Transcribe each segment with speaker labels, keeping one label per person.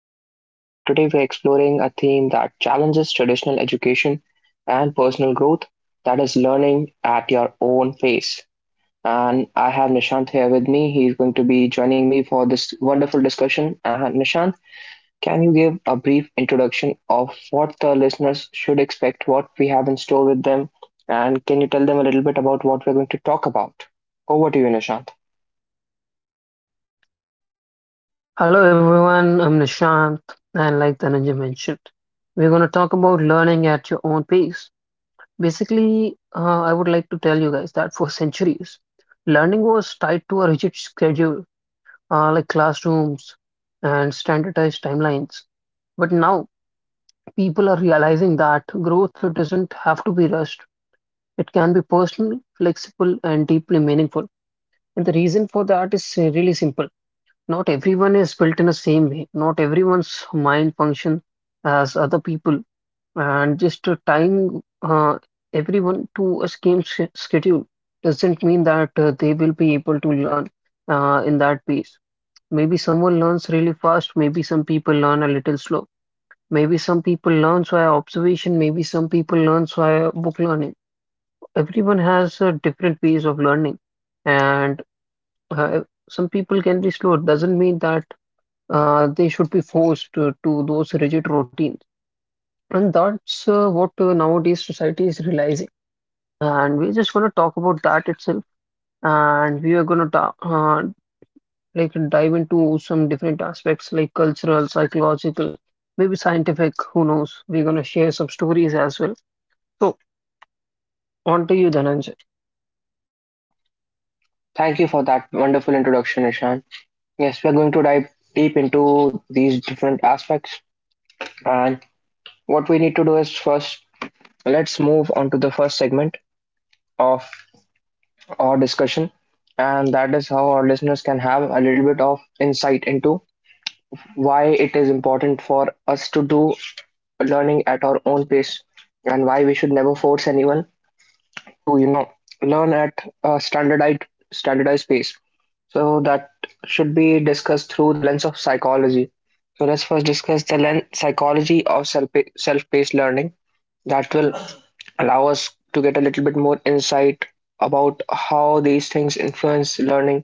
Speaker 1: Dhananjay, and today we're exploring a theme that challenges traditional education and personal growth, that is, learning at your own pace. And I have Nishant here with me. He's going to be joining me for this wonderful discussion. And Nishant, can you give a brief introduction of what the listeners should expect, what we have in store with them, and can you tell them a little bit about what we're going to talk about? Over to you, Nishant.
Speaker 2: Hello everyone, I'm Nishant, and like Dhananjay mentioned, we're going to talk about learning at your own pace. Basically, I would like to tell you guys that for centuries, learning was tied to a rigid schedule, like classrooms and standardized timelines. But now, people are realizing that growth doesn't have to be rushed. It can be personal, flexible, and deeply meaningful. And the reason for that is really simple. Not everyone is built in the same way. Not everyone's mind function as other people, and just tying everyone to a schedule doesn't mean that they will be able to learn in that pace. Maybe someone learns really fast. Maybe some people learn a little slow. Maybe some people learn via observation. Maybe some people learn via book learning. Everyone has different ways of learning, and uh, some people can be slow. It doesn't mean that they should be forced to those rigid routines. And that's what nowadays society is realizing. And we're just going to talk about that itself. And we are going to like dive into some different aspects like cultural, psychological, maybe scientific, who knows. We're going to share some stories as well. So, on to you, Dhananjay.
Speaker 1: Thank you for that wonderful introduction, Nishant. Yes, we are going to dive deep into these different aspects. And what we need to do is first, let's move on to the first segment of our discussion. And that is how our listeners can have a little bit of insight into why it is important for us to do learning at our own pace and why we should never force anyone to, you know, learn at a standardized pace. So that should be discussed through the lens of psychology. So let's first discuss the psychology of self-paced learning that will allow us to get a little bit more insight about how these things influence learning,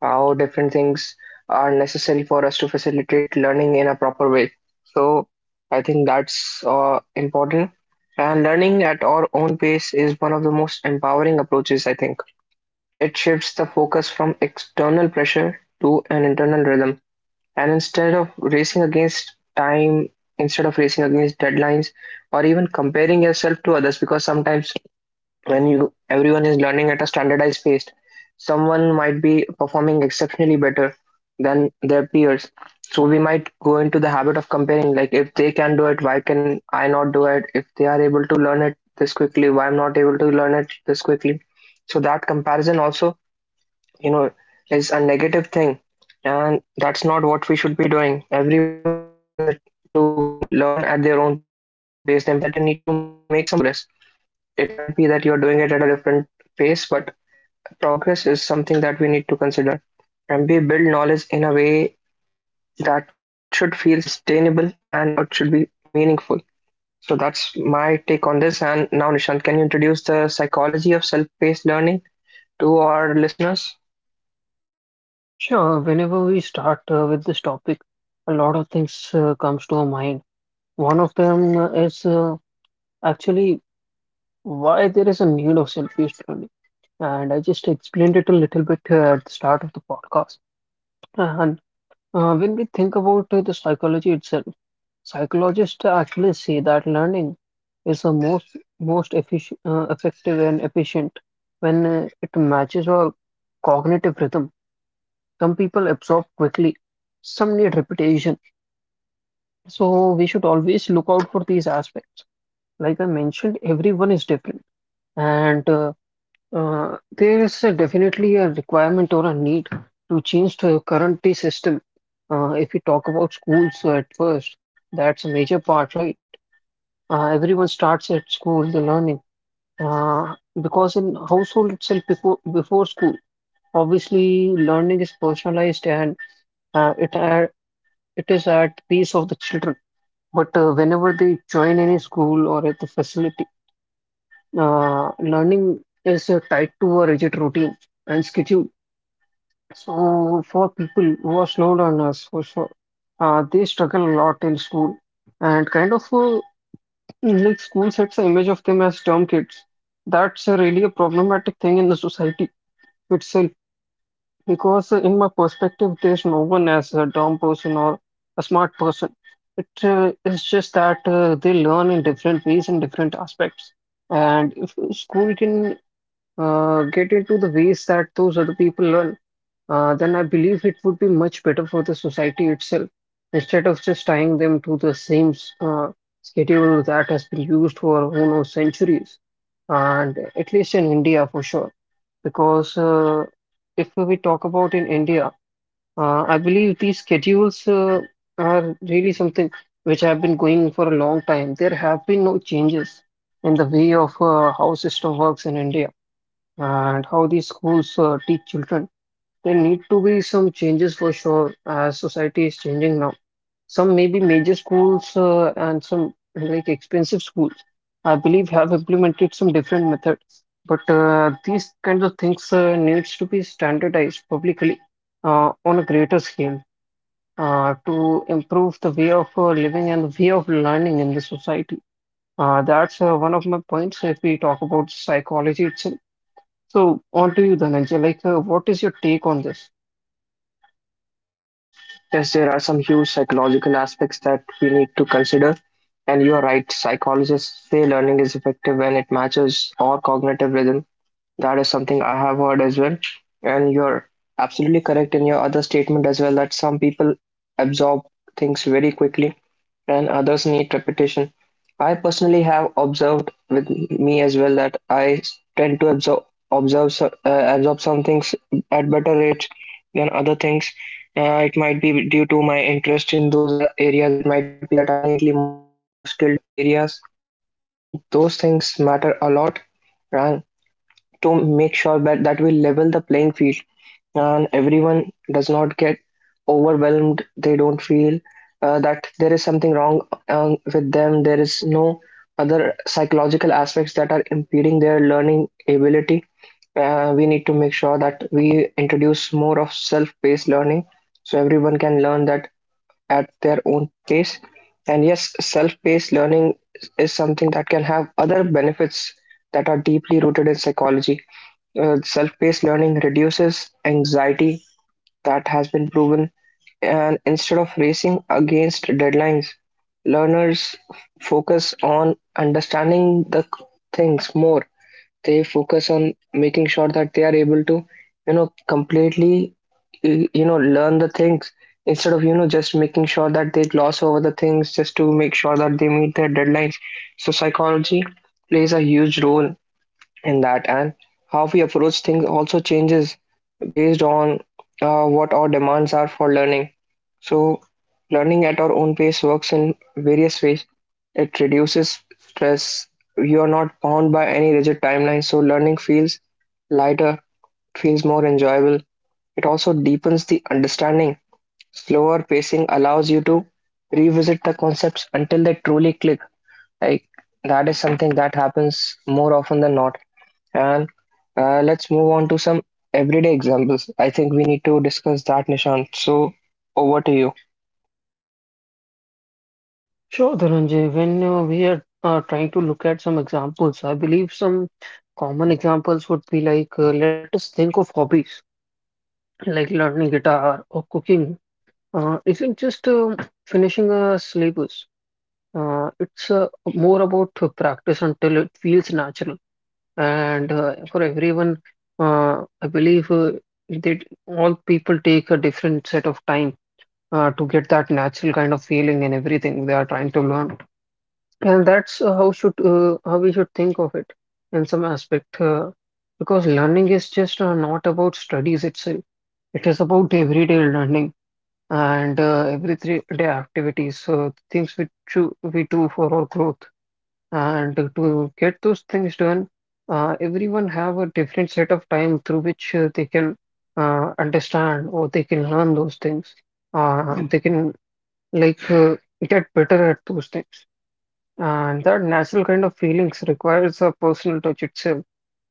Speaker 1: how different things are necessary for us to facilitate learning in a proper way. So I think that's important. And learning at our own pace is one of the most empowering approaches. I think it shifts the focus from external pressure to an internal rhythm. And instead of racing against time, instead of racing against deadlines, or even comparing yourself to others, because sometimes when you everyone is learning at a standardized pace, someone might be performing exceptionally better than their peers. So we might go into the habit of comparing, like if they can do it, why can I not do it? If they are able to learn it this quickly, why I'm not able to learn it this quickly? So that comparison also, you know, is a negative thing, and that's not what we should be doing. Everyone has it to learn at their own pace. The important thing is that you need to make some progress. It might be that you're doing it at a different pace, but progress is something that we need to consider, and we build knowledge in a way that should feel sustainable and it should be meaningful. So that's my take on this, and now Nishant, can you introduce the psychology of self-paced learning to our listeners?
Speaker 2: Sure, whenever we start with this topic, a lot of things comes to our mind. One of them is actually why there is a need of self-paced learning. And I just explained it a little bit at the start of the podcast. And when we think about the psychology itself, psychologists actually say that learning is the most efficient, effective and efficient when it matches our cognitive rhythm. Some people absorb quickly, some need repetition. So we should always look out for these aspects. Like I mentioned, everyone is different, and there is a definitely a requirement or a need to change to the current day system. If we talk about schools at first, that's a major part, right? Everyone starts at school, the learning, uh, because in household itself before school, obviously learning is personalized and uh, it are, it is at the pace of the children. But whenever they join any school or at the facility, learning is tied to a rigid routine and schedule. So, for people who are slow learners, they struggle a lot in school, and kind of like school sets the image of them as dumb kids. That's really a problematic thing in the society itself, because in my perspective, there's no one as a dumb person or a smart person. It is just that they learn in different ways in different aspects, and if school can get into the ways that those other people learn then I believe it would be much better for the society itself instead of just tying them to the same uh, schedule that has been used for who knows centuries, and at least in India for sure. Because if we talk about in India, I believe these schedules are really something which have been going for a long time. There have been no changes in the way of how system works in India and how these schools teach children. There need to be some changes for sure, as society is changing now. Some maybe major schools and some like expensive schools, I believe, have implemented some different methods. But these kinds of things needs to be standardized publicly on a greater scale to improve the way of living and the way of learning in the society. That's one of my points if we talk about psychology itself. So on to you, Dhananjay. Like, what is your take on this?
Speaker 1: Yes, there are some huge psychological aspects that we need to consider. And you're right, psychologists say learning is effective when it matches our cognitive rhythm. That is something I have heard as well. And you're absolutely correct in your other statement as well that some people absorb things very quickly and others need repetition. I personally have observed with me as well that I tend to observe so- uh, absorb some things at better rates than other things. It might be due to my interest in those areas. It might be that I'm innately more skilled in some areas, and those things matter a lot. And to make sure that that will level the playing field and everyone does not get overwhelmed, they don't feel that there is something, with them, there is no other psychological aspects that are impeding their learning ability. We need to make sure that we introduce more of self-paced learning so everyone can learn that at their own pace. And yes, self-paced learning is something that can other benefits that are deeply rooted in psychology. Self-paced learning reduces anxiety, that has been proven, and instead of racing against deadlines, learners focus on understanding the things more. They focus on making sure that they are able to, you know, completely, you know, learn the things instead of, you know, just making sure that they gloss over the things just to make sure that they meet their deadlines. So psychology plays a huge role in that, and how we approach things also changes based on what our demands are for learning. So learning at our own pace works in various ways. It reduces stress. You are not bound by any rigid timeline, so learning feels lighter, feels more enjoyable. It also deepens the understanding. Slower pacing allows you to revisit the concepts until they truly click. Like, that is something that happens more often than not. And let's move on to some everyday examples. I think we need to discuss that, Nishant. So, over to you.
Speaker 2: Sure, Dhananjay. When we are trying to look at some examples, I believe some common examples would be like let us think of hobbies like learning guitar or cooking. Isn't just finishing a syllabus. It's more about to practice until it feels natural. And for everyone, I believe that all people take a different set of time to get that natural kind of feeling in everything they are trying to learn. And that's how we should think of it in some aspect, because learning is just not about studies itself. It is about everyday learning and everyday activities, so things we do for our growth. And to get those things done, everyone have a different set of time through which they can understand or they can learn those things. They can like get better at those things. And that natural kind of feelings requires a personal touch itself.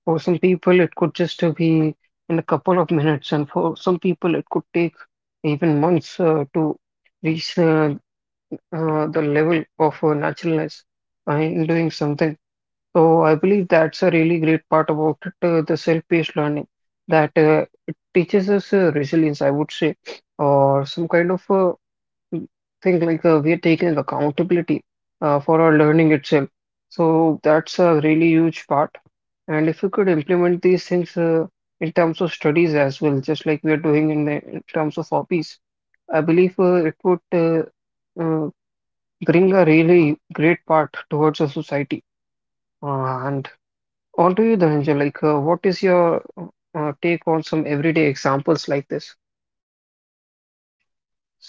Speaker 2: For some people, it could just be in a couple of minutes, and for some people, it could take even months to reach the level of naturalness in doing something. So I believe that's a really great part about it, the self-paced learning that it teaches us resilience, I would say, or some kind of think like we are taking accountability for our learning itself. So that's a really huge part. And if you could implement these things in terms of studies as well, just like we are doing in terms of hobbies, I believe it would uh, bring a really great part towards our society. And on to you, Dhananjay, like what is your take on some everyday examples like this?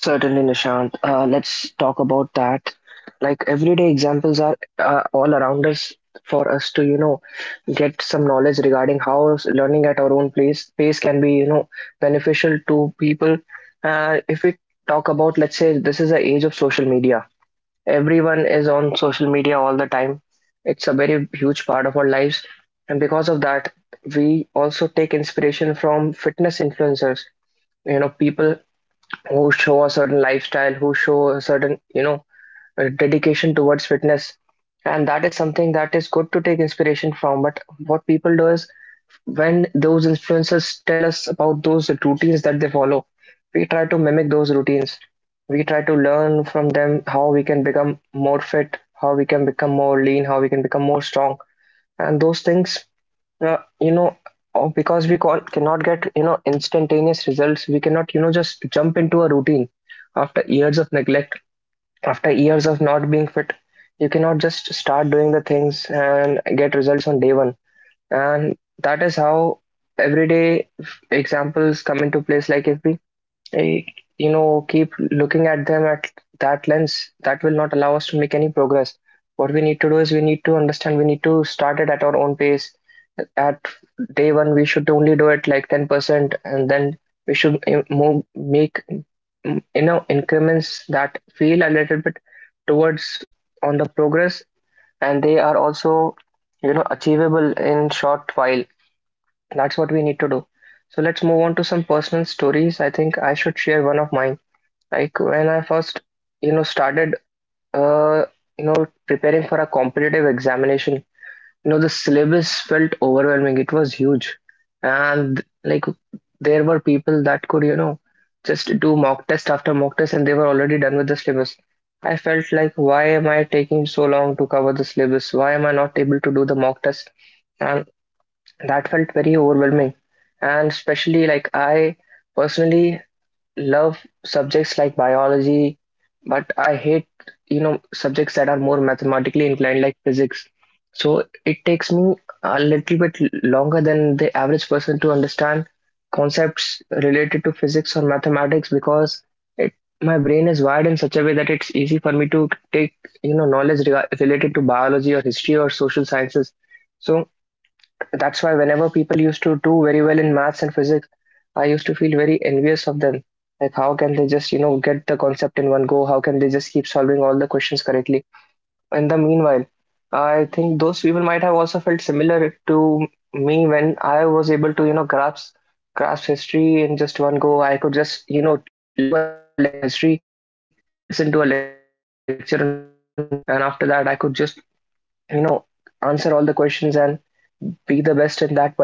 Speaker 1: Certainly, Nishant. Let's talk about that. Like everyday examples are all around us for us to, you know, get some knowledge regarding how learning at our own place pace can be, you know, beneficial to people. If we talk about, let's say, this is the age of social media. Everyone is on social media all the time. It's a very huge part of our lives. And because of that, we also take inspiration from fitness influencers, you know, people who show a certain lifestyle, who show a certain, you know, dedication towards fitness. And that is something that is good to take inspiration from. But what people do is when those influencers tell us about those routines that they follow, we try to mimic those routines. We try to learn from them how we can become more fit, how we can become more lean, how we can become more strong. And those things, you know, because we cannot get, you know, instantaneous results, we cannot, you know, just jump into a routine after years of neglect, after years of not being fit. You cannot just start doing the things and get results on day one. And that is how everyday examples come into place. Like if we eh, you know, keep looking at them at that lens, that will not allow us to make any progress. What we need to do is we need to understand we need to start it at our own pace. At day one, we should only do it like 10%, and then we should you know, increments that feel a little bit towards on the progress, and they are also, you know, achievable in short while. That's what we need to do. So let's move on to some personal stories. I think I should share one of mine. Like when I first, you know, started uh you know, preparing for a competitive examination, you know, the syllabus felt overwhelming. It was huge. And like there were people that could, you know, just do mock test after mock test, and they were already done with the syllabus. I felt like why am I taking so long to cover the syllabus? Why am I not able to do the mock test? And that felt very overwhelming. And especially like I personally love subjects like biology, but I hate, you know, subjects that are more mathematically inclined like physics. So it takes me a little bit longer than the average person to understand concepts related to physics or mathematics, because it my brain is wired in such a way that it's easy for me to take, you know, knowledge related to biology or history or social sciences. So that's why whenever people used to do very well in maths and physics, I used to feel very envious of them. Like, how can they just, you know, get the concept in one go? How can they just keep solving all the questions correctly? In the meanwhile, I think those people might have also felt similar to me when I was able to, you know, grasp history in just one go. I could just, you know, listen to a lecture on history or listen to a lecture on biology, and after that, I could just, you know, answer all the questions and be the best in that particular subject.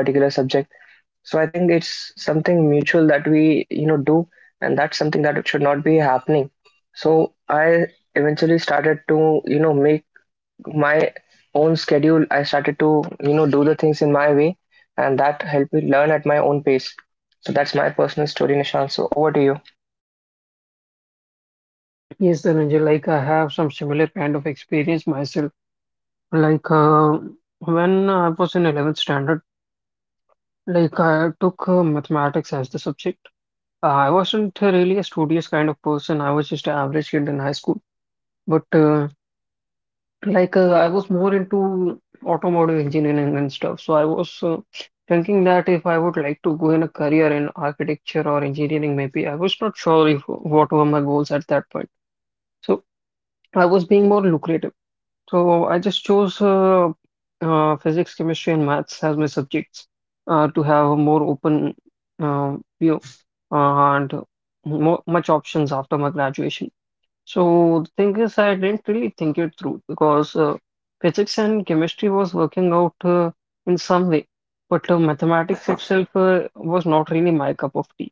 Speaker 1: So I think it's something mutual that we, you know, do, and that's something that should not be happening. So I eventually started to, you know, make my own schedule. I started to, you know, do the things in my way, and that helped me learn at my own pace. So that's my personal story, Nishan. So over to you.
Speaker 2: Yes, Dhananjay, like I have some similar kind of experience myself. Like when I was in 11th standard, like I took mathematics as the subject. I wasn't really a studious kind of person. I was just an average kid in high school. But like I was more into automotive engineering and stuff. So I was thinking that if I would like to go in a career in architecture or engineering, maybe I was not sure if what were my goals at that point. So I was being more lucrative. So I just chose physics, chemistry, and maths as my subjects to have a more open view uh, and much options after my graduation. So the thing is, I didn't really think it through because physics and chemistry was working out in some way, but mathematics itself was not really my cup of tea.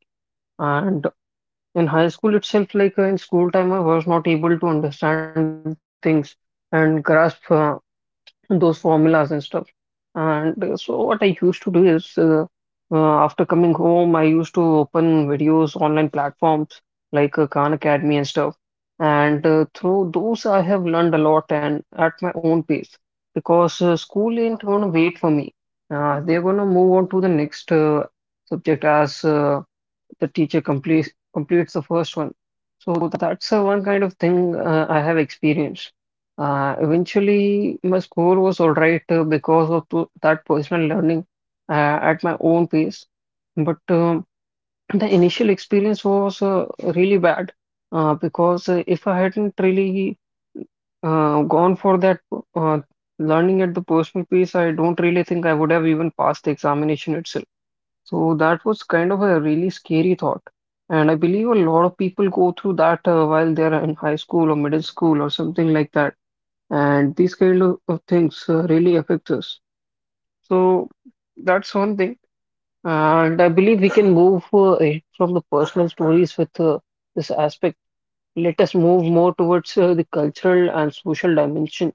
Speaker 2: And in high school itself, like in school time, I was not able to understand things and grasp. Those formulas and stuff. And so what I used to do is uh, after coming home, I used to open videos, online platforms like Khan Academy and stuff. And through those, I have learned a lot and at my own pace because school ain't gonna wait for me. They're gonna move on to the next subject as the teacher completes the first one. So that's one kind of thing I have experienced. Eventually, my score was all right because that personal learning at my own pace. But the initial experience was really bad because if I hadn't really gone for that uh, learning at the personal pace, I don't really think I would have even passed the examination itself. So that was kind of a really scary thought. And I believe a lot of people go through that while they're in high school or middle school or something like that. And these kind of things really affect us. So that's one thing. And I believe we can move it from the personal stories with this aspect. Let us move more towards the cultural and social dimension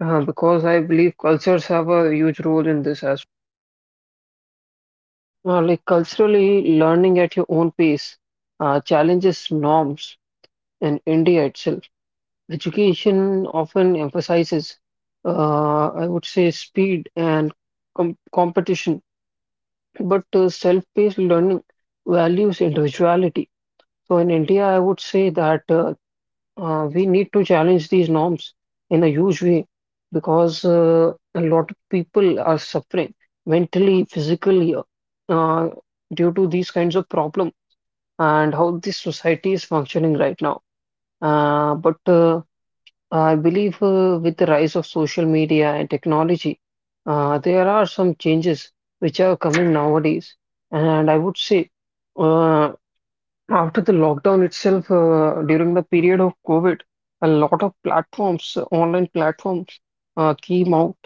Speaker 2: because I believe cultures have a huge role in this as like culturally, learning at your own pace challenges norms in India itself. Education often emphasizes, I would say, speed and competition, but self-paced learning values individuality. So in India, I would say that we need to challenge these norms in a huge way because a lot of people are suffering mentally, physically, uh, due to these kinds of problems and how the society is functioning right now. But I believe with the rise of social media and technology, there are some changes which are coming nowadays. And I would say, uh, after the lockdown itself, during the period of COVID, a lot of platforms, online platforms, came out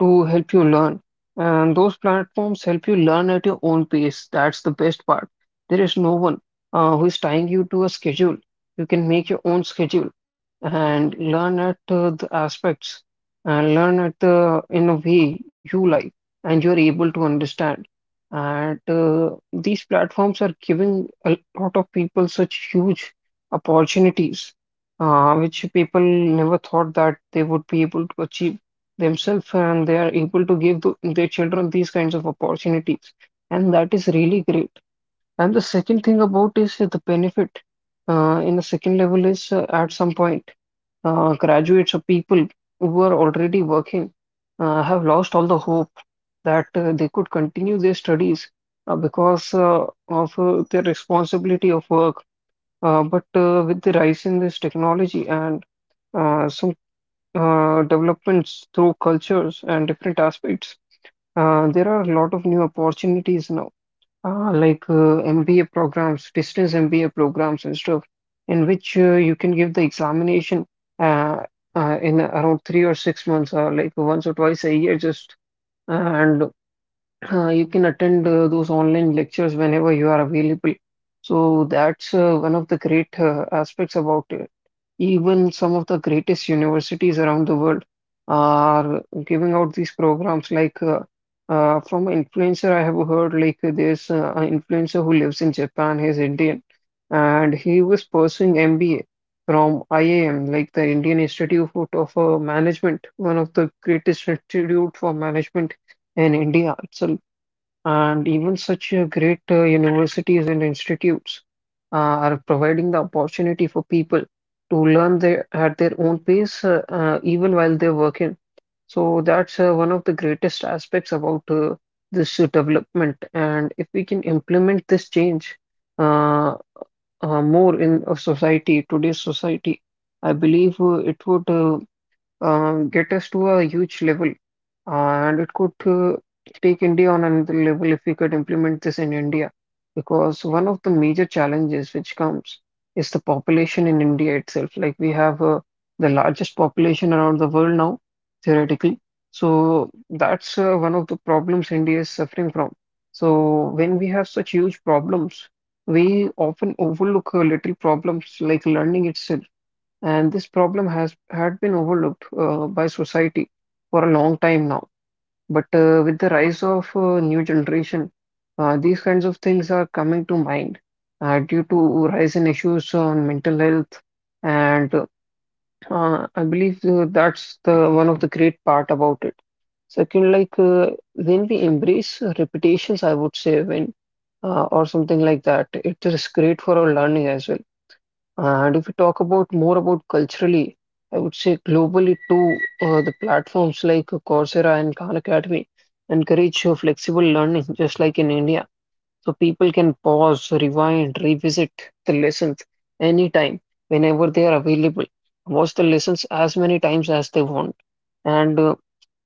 Speaker 2: to help you learn. And those platforms help you learn at your own pace. That's the best part. There is no one who is tying you to a schedule. You can make your own schedule and learn at the aspects and learn at the in a way you like and you're able to understand. And these platforms are giving a lot of people such huge opportunities, which people never thought that they would be able to achieve themselves, and they are able to give to their children these kinds of opportunities. And that is really great. And the second thing about is the benefit in the second level is at some point graduates or people who are already working have lost all the hope that they could continue their studies because of the responsibility of work. But with the rise in this technology and some developments through cultures and different aspects, there are a lot of new opportunities now. Like MBA programs, distance MBA programs and stuff, in which you can give the examination uh, in around three or six months, or like once or twice a year, just and you can attend those online lectures whenever you are available. So that's one of the great aspects about it. Even some of the greatest universities around the world are giving out these programs. From an influencer, I have heard like there's an influencer who lives in Japan. He's Indian, and he was pursuing MBA from IIM, like the Indian Institute of Management, one of the greatest institute for management in India. It's And even such great universities and institutes are providing the opportunity for people to learn at their own pace, even while they're working. So that's one of the greatest aspects about this development. And if we can implement this change uh, more in a society, today's society, I believe it would get us to a huge level, and it could take India on another level if we could implement this in India. Because one of the major challenges which comes is the population in India itself. Like we have the largest population around the world now, theoretically. So that's one of the problems India is suffering from. So when we have such huge problems, we often overlook little problems like learning itself. And this problem has had been overlooked by society for a long time now. But with the rise of new generation, these kinds of things are coming to mind due to rise in issues on mental health. And I believe that's the one of the great part about it. Second, like when we embrace repetitions, I would say when or something like that, it is great for our learning as well. And if we talk about more about culturally, I would say globally too, the platforms like Coursera and Khan Academy encourage flexible learning, just like in India. So people can pause, rewind, revisit the lessons anytime, whenever they are available. Watch the lessons as many times as they want. And uh,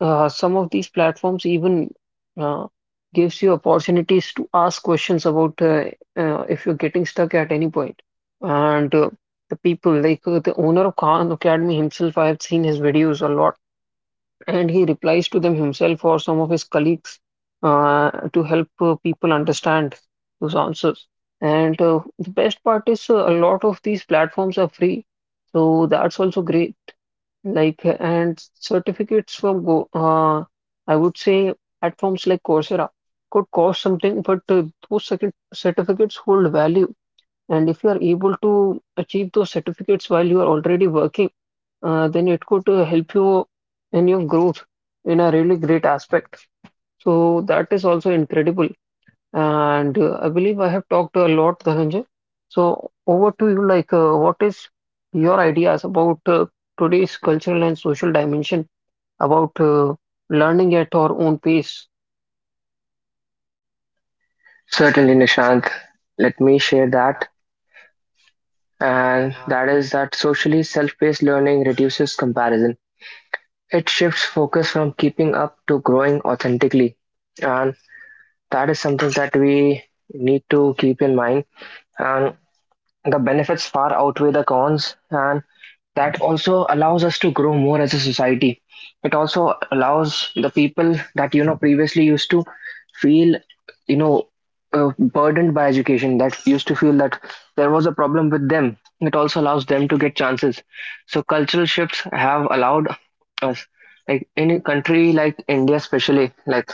Speaker 2: uh, some of these platforms even uh, gives you opportunities to ask questions about if you're getting stuck at any point. And the people, like the owner of Khan Academy himself, I have seen his videos a lot, and he replies to them himself or some of his colleagues to help people understand those answers. And the best part is a lot of these platforms are free, so that's also great. And certificates from I would say platforms like Coursera could cost something, but those certificates hold value. And if you are able to achieve those certificates while you are already working, then it could help you in your growth in a really great aspect. So that is also incredible. And I believe I have talked a lot, Dhananjay. So over to you, like, what is your ideas about today's cultural and social dimension about learning at our own pace?
Speaker 1: Certainly, Nishant. Let me share that. And that is that socially, self paced learning reduces comparison. It shifts focus from keeping up to growing authentically. And that is something that we need to keep in mind. And the benefits far outweigh the cons. And that also allows us to grow more as a society. It also allows the people that, you know, previously used to feel, you know, burdened by education, that used to feel that there was a problem with them. It also allows them to get chances. So cultural shifts have allowed us, like in a country like India especially,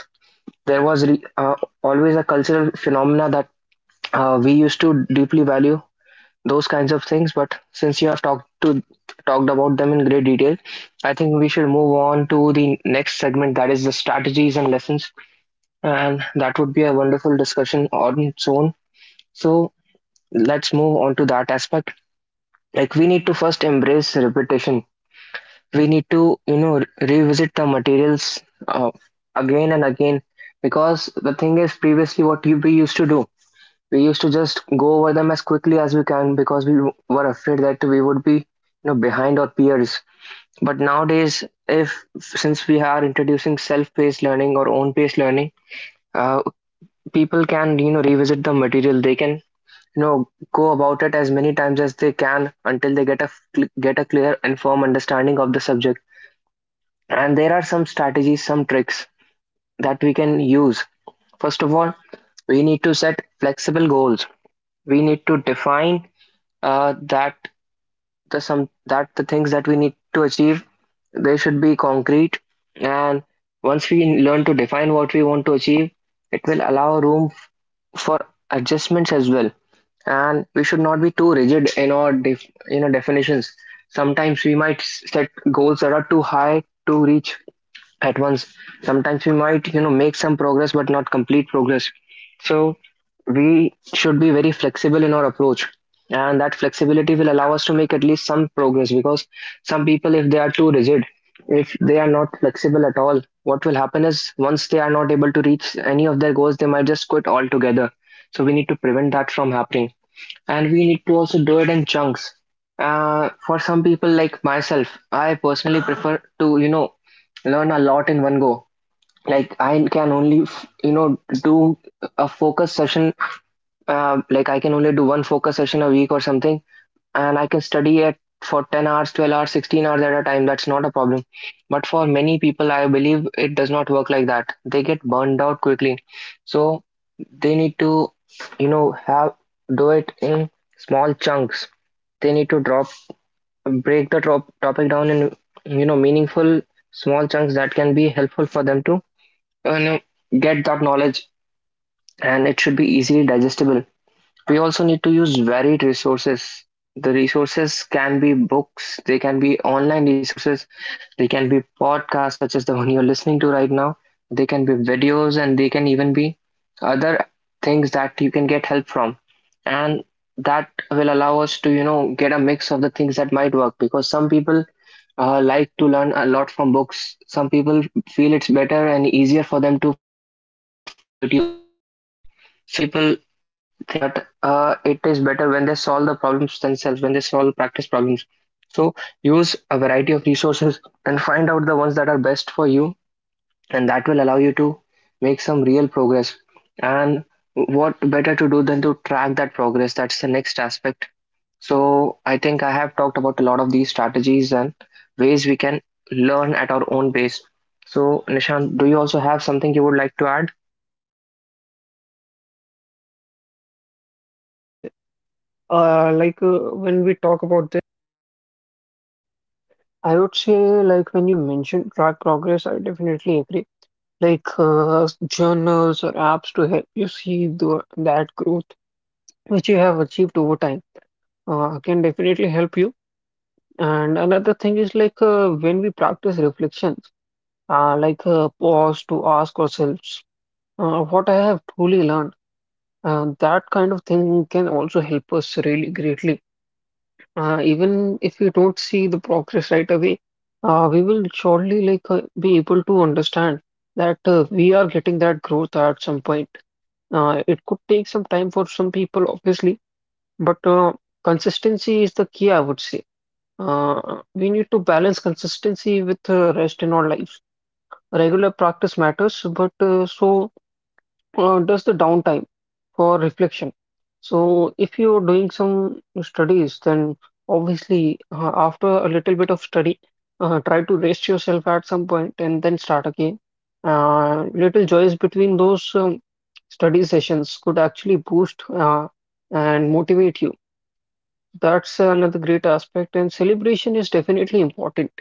Speaker 1: there was re- uh, always a cultural phenomena that we used to deeply value those kinds of things. But since you have talked about them in great detail, I think we should move on to the next segment, that is the strategies and lessons, and that would be a wonderful discussion on its own. So let's move on to that aspect. Like, we need to first embrace repetition. We need to, you know, revisit the materials uh, again and again, because the thing is, previously what we used to do, we used to just go over them as quickly as we can because we were afraid that we would be, you know, behind our peers. But nowadays, if since we are introducing self-paced learning or own-paced learning, uh, people can, you know, revisit the material. They can, you know, go about it as many times as they can until they get a clear and firm understanding of the subject. And there are some strategies, some tricks that we can use. First of all, we need to set flexible goals. We need to define, uh, that that the things that we need to achieve, they should be concrete. And once we learn to define what we want to achieve, it will allow room for adjustments as well. And we should not be too rigid in our you know, definitions. Sometimes we might set goals that are too high to reach at once. Sometimes we might, you know, make some progress but not complete progress. So we should be very flexible in our approach. And that flexibility will allow us to make at least some progress, because some people, if they are too rigid, if they are not flexible at all, what will happen is once they are not able to reach any of their goals, they might just quit altogether. So we need to prevent that from happening, and we need to also do it in chunks. For some people like myself, I personally prefer to, you know, learn a lot in one go. Like I can only, you know, do a focus session. Like I can only do one focus session a week or something, and I can study it for 10 hours, 12 hours, 16 hours at a time. That's not a problem. But for many people, I believe it does not work like that. They get burned out quickly. So they need to, you know, have do it in small chunks. They need to break the topic down in, you know, meaningful small chunks that can be helpful for them to, you know, get that knowledge, and it should be easily digestible. We also need to use varied resources. The resources can be books, they can be online resources, they can be podcasts such as the one you're listening to right now, they can be videos, and they can even be other things that you can get help from. And that will allow us to, you know, get a mix of the things that might work, because some people like to learn a lot from books. Some people feel it's better and easier for them to, you know, learn from videos. Some people think that it is better when they solve the problems themselves, when they solve practice problems. So use a variety of resources and find out the ones that are best for you, and that will allow you to make some real progress. And what better to do than to track that progress? That's the next aspect. So I think I have talked about a lot of these strategies and ways we can learn at our own pace. So Nishant, do you also have something you would like to add?
Speaker 2: Yes, Dhananjay. Like when we talk about, I would say, like when you mentioned track progress, I definitely agree. Like journals or apps to help you see that growth which you have achieved over time can definitely help you. And another thing is like when we practice reflections, pause to ask ourselves what I have truly learned. That kind of thing can also help us really greatly. Even if we don't see the progress right away, we will surely be able to understand that we are getting that growth at some point. It could take some time for some people, obviously, but consistency is the key, I would say. We need to balance consistency with rest in our lives. Regular practice matters, but just the downtime for reflection. So if you're doing some studies, then obviously, after a little bit of study, try to rest yourself at some point and then start again. Little joys between those study sessions could actually boost and motivate you. That's another great aspect, and celebration is definitely important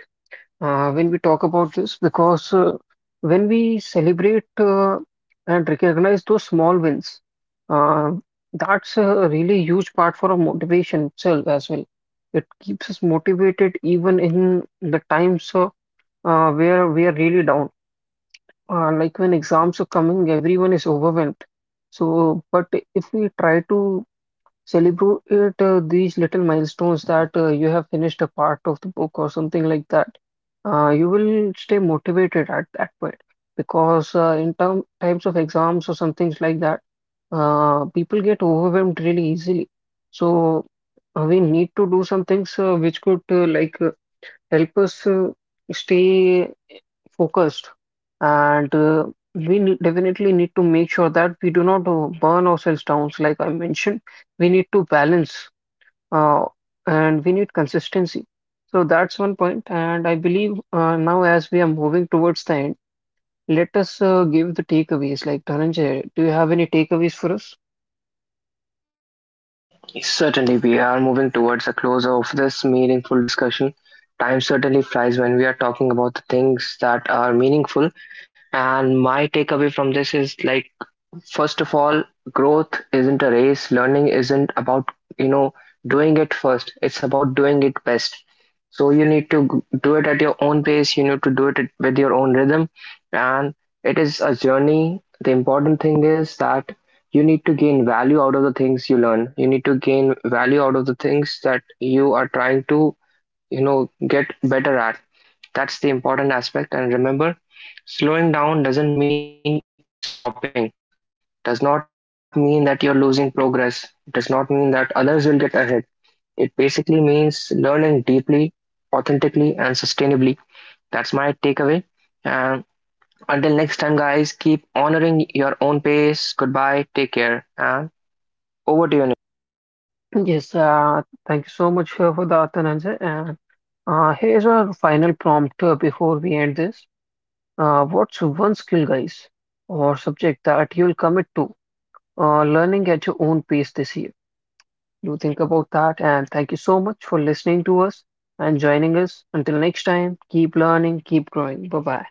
Speaker 2: when we talk about this because when we celebrate and recognize those small wins, uh, that's a really huge part for our motivation itself as well. It keeps us motivated even in the times where we are really down. Like when exams are coming, everyone is overwhelmed. So, but if we try to celebrate these little milestones, that you have finished a part of the book or something like that, you will stay motivated at that point because in times of exams or some things like that, people get overwhelmed really easily. So we need to do some things which could help us stay focused, and definitely need to make sure that we do not burn ourselves down. Like I mentioned, we need to balance uh, and we need consistency. So that's one point, and I believe now as we are moving towards the end, let us give the takeaways. Like Dhananjay, do you have any takeaways for us?
Speaker 1: Certainly, we are moving towards the close of this meaningful discussion. Time certainly flies when we are talking about the things that are meaningful. And my takeaway from this is, like, first of all, growth isn't a race. Learning isn't about, you know, doing it first. It's about doing it best. So you need to do it at your own pace. You need to do it with your own rhythm. And it is a journey. The important thing is that you need to gain value out of the things you learn. You need to gain value out of the things that you are trying to, you know, get better at. That's the important aspect. And remember, slowing down doesn't mean stopping does not mean that you're losing progress. It does not mean that others will get ahead. It basically means learning deeply, authentically, and sustainably. That's my takeaway. And until next time, guys, keep honoring your own pace. Goodbye, take care, and over to you.
Speaker 2: Yes, thank you so much for that, Dhananjay. And here's our final prompt before we end this. What's one skill, guys, or subject that you'll commit to learning at your own pace this year? Do think about that. And thank you so much for listening to us and joining us. Until next time, keep learning, keep growing. Bye bye.